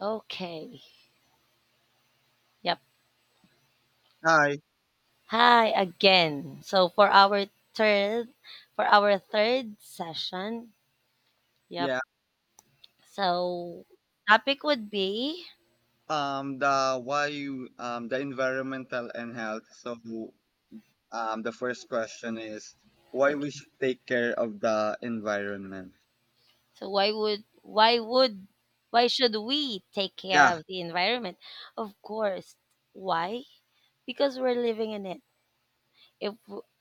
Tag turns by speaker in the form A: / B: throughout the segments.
A: Okay. Yep.
B: Hi.
A: Hi again. So for our third session, yep.
B: Yeah.
A: So topic would be
B: The why you the environmental and health. So the first question is why we
A: okay.
B: should take care of the environment.
A: So why should we take care
B: Yeah.
A: of the environment? Of course. Why? Because we're living in it. If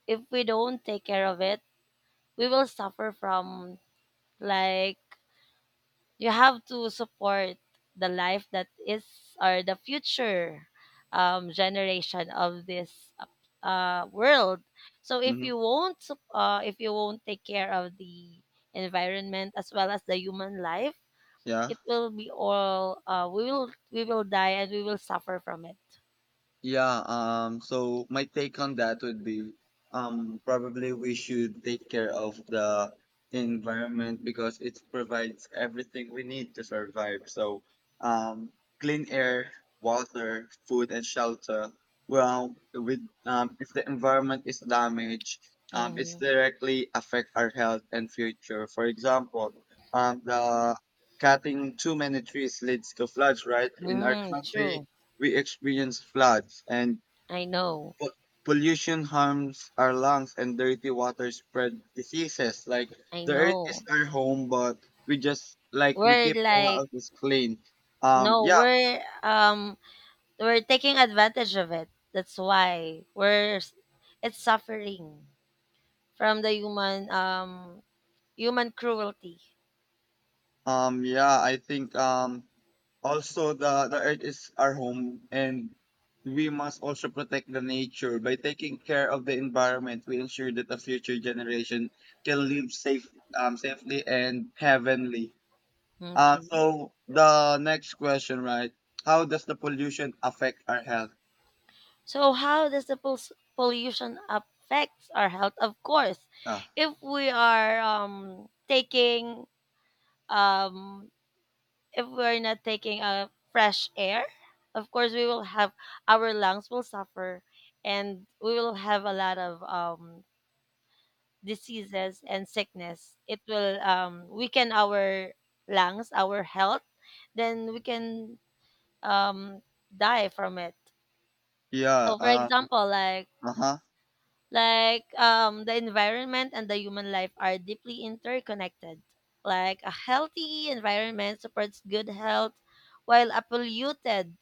A: if we don't take care of it, we will suffer from, like, you have to support the life that is, or the future generation of this world. So if
B: Mm-hmm.
A: you won't sup- if you won't take care of the environment as well as the human life,
B: Yeah.
A: it will be all we will die and we will suffer from it.
B: Yeah, so my take on that would be probably we should take care of the environment because it provides everything we need to survive. So, um, clean air, water, food, and shelter. Well, with if the environment is damaged, it's
A: Mm-hmm.
B: directly affect our health and future. For example, the cutting too many trees leads to floods, right? In our
A: Mm,
B: country,
A: true.
B: we experience floods and
A: I know.
B: po- pollution harms our lungs and dirty water spread diseases. Like
A: I
B: the earth
A: know.
B: is our home, but we just like we
A: We're
B: keep our
A: like,
B: houses clean. Um,
A: no,
B: yeah,
A: we're we're taking advantage of it. That's why it's suffering from the human cruelty.
B: yeah. I think also the earth is our home and we must also protect the nature by taking care of the environment we ensure that the future generation can live safely and heavenly.
A: Okay.
B: So the next question, right? How does the pollution affect our health?
A: So how does pollution affects our health? Of course,
B: Ah,
A: if we are taking, um, if we're not taking a fresh air, of course we will have, our lungs will suffer, and we will have a lot of diseases and sickness. It will, weaken our lungs, our health. Then we can, um, die from it.
B: yeah.
A: So, for example, like
B: Uh huh.
A: like the environment and the human life are deeply interconnected. Like, a healthy environment supports good health, while a polluted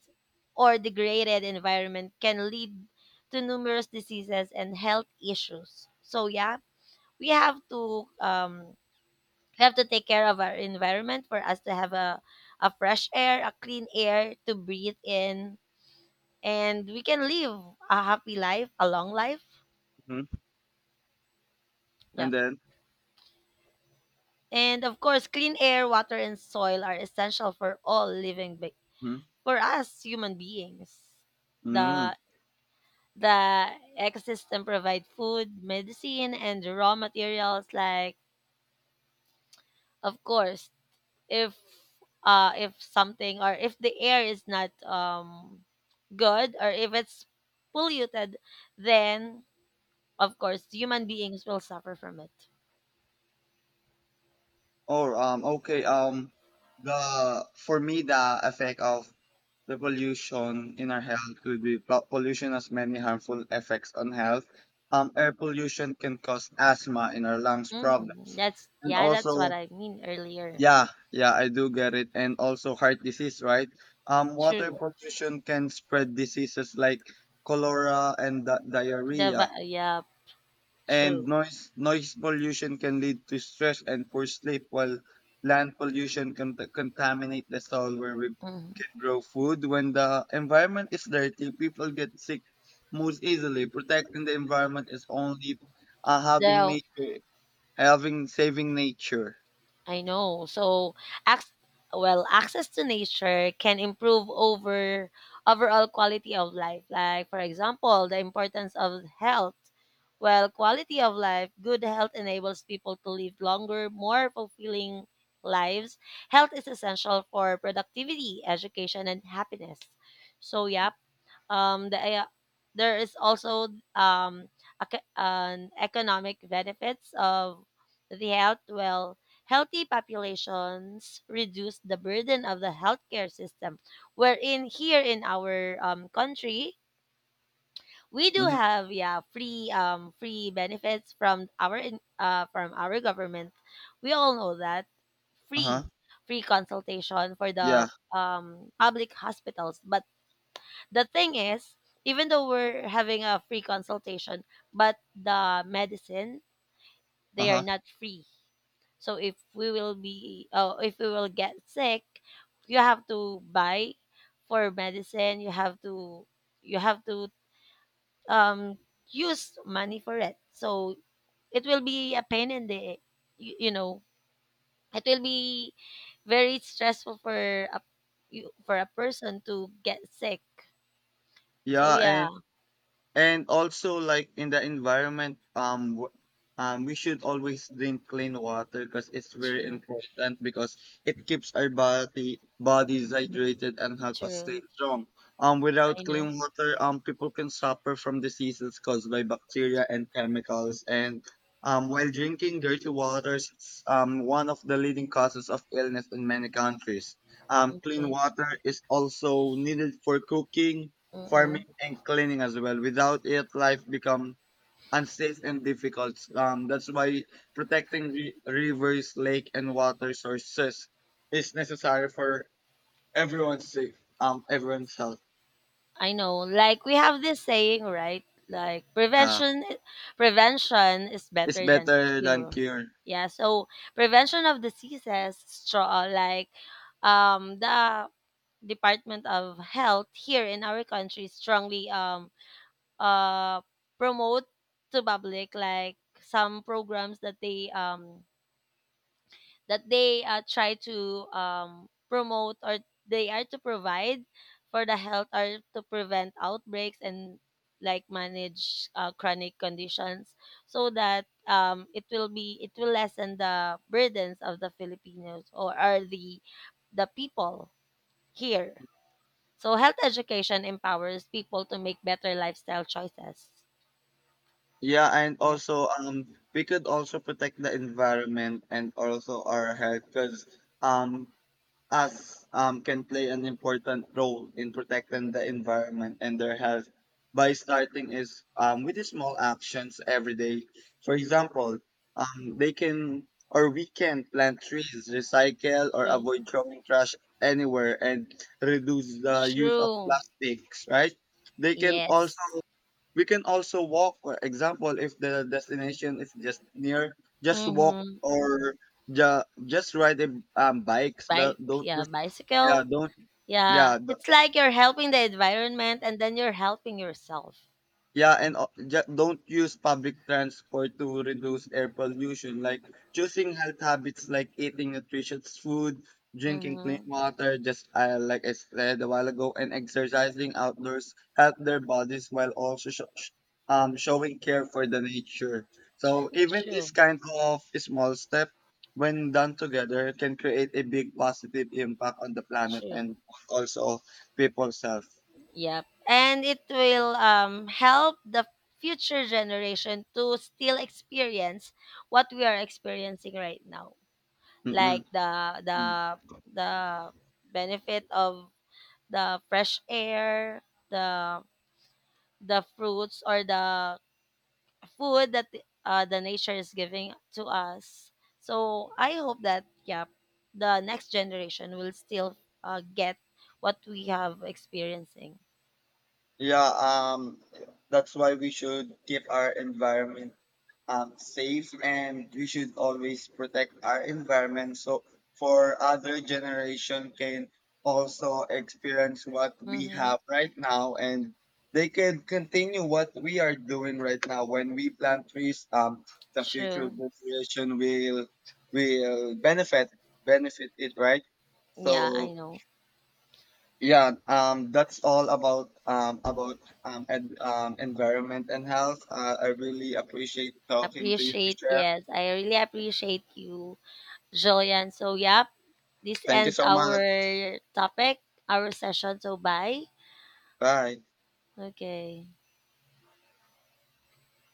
A: or degraded environment can lead to numerous diseases and health issues. So yeah, we have to we have to take care of our environment for us to have a fresh air, a clean air to breathe in, and we can live a happy life, a long life.
B: Hmm.
A: Yep.
B: And then,
A: And of course, clean air, water, and soil are essential for all
B: hmm,
A: for us human beings. The
B: mm
A: the ecosystem provide food, medicine, and raw materials. Like, of course, if, if something, or if the air is not, good, or if it's polluted, then of course human beings will suffer from it.
B: or okay. The for me the effect of the pollution in our health could be pollution has many harmful effects on health. Air pollution can cause asthma in our lungs problem,
A: Hmm, that's,
B: and
A: yeah, that's what
B: also
A: I mean earlier.
B: yeah, yeah, I do get it. And also heart disease, right? Water
A: True.
B: pollution can spread diseases like cholera and diarrhea.
A: Yeah true.
B: And noise pollution can lead to stress and poor sleep, while land pollution can contaminate the soil where we
A: Hmm.
B: can grow food. When the environment is dirty, people get sick most easily. Protecting the environment is only having
A: The,
B: having saving nature.
A: I know. So, ac- well, access to nature can improve overall quality of life. Like, for example, the importance of health. Well, quality of life, good health enables people to live longer, more fulfilling lives. Health is essential for productivity, education, and happiness. So, yeah, um, the, uh, there is also, um, an economic benefits of the health. Well, healthy populations reduce the burden of the healthcare system. Wherein here in our, country, we do
B: Mm-hmm.
A: have, yeah, free, free benefits from from our government. We all know that
B: Uh huh.
A: free, free consultation for the,
B: Yeah.
A: um, public hospitals, but the thing is, even though we're having a free consultation, but the medicine,
B: Uh
A: they are
B: huh.
A: not free. So if we will be, if we will get sick, you have to buy for medicine. You have to, um use money for it. So it will be a pain in the, you know, it will be very stressful for for a person to get sick. So
B: Yeah,
A: yeah,
B: and also like in the environment, we should always drink clean water because it's very
A: true,
B: important because it keeps our body bodies hydrated and help us
A: true.
B: stay strong.
A: I
B: Without
A: know.
B: clean water, people can suffer from diseases caused by bacteria and chemicals. And while drinking dirty waters, it's one of the leading causes of illness in many countries. Clean
A: Okay.
B: water is also needed for cooking
A: Mm-mm.
B: farming and cleaning as well. Without it, life become unsafe and difficult. That's why protecting rivers, lake, and water sources is necessary for everyone's safe. Everyone's health.
A: I know. Like, we have this saying, right? Like
B: Uh,
A: prevention, prevention is
B: it's
A: better than
B: better than
A: cure.
B: cure.
A: Yeah. So prevention of diseases, straw, like, the Department of Health here in our country strongly, uh promote to public like some programs that they, try to, promote, or they are to provide for the health, or to prevent outbreaks and like manage, chronic conditions so that, it will lessen the burdens of the Filipinos, or the people here. So health education empowers people to make better lifestyle choices.
B: Yeah, and
A: Yep.
B: also we could also protect the environment and also our health because um, us can play an important role in protecting the environment and their health by starting is with the small actions every day. For example, they can or we can plant trees, recycle, or
A: True.
B: avoid throwing trash anywhere and reduce the use of
A: True.
B: plastics. Right? They can also
A: Yes.
B: we can also walk. For example, if the destination is just near, just walk
A: Mm-hmm.
B: or just ride a bikes.
A: Bike, yeah, bicycle.
B: Don't.
A: Yeah,
B: Yeah,
A: it's like you're helping the environment and then you're helping yourself.
B: yeah, and don't use public transport to reduce air pollution. Like choosing health habits, like eating nutritious food, drinking clean
A: Mm-hmm.
B: water, just like I said a while ago, and exercising outdoors help their bodies while also showing care for the nature. So even this
A: True,
B: kind of small step, when done together, can create a big positive impact on the planet
A: true.
B: and also people's health.
A: Yep. And it will, help the future generation to still experience what we are experiencing right now. Like
B: Mm-mm.
A: the benefit of the fresh air, the the fruits, or the food that the nature is giving to us. So I hope that, yeah, the next generation will still, get what we have experiencing.
B: Yeah, that's why we should keep our environment safe and we should always protect our environment so for other generation can also experience what we
A: Mm-hmm.
B: have right now and they can continue what we are doing right now. When we plant trees, the future
A: True.
B: generation will benefit it, right?
A: Yeah, I
B: So
A: know.
B: yeah, that's all about environment and health. I really appreciate talking to you,
A: Appreciate.
B: Michelle.
A: Yes, I really appreciate you, Jillian. So yep, this
B: Thank you
A: ends
B: so much.
A: our topic, our session. So bye.
B: Bye.
A: Okay.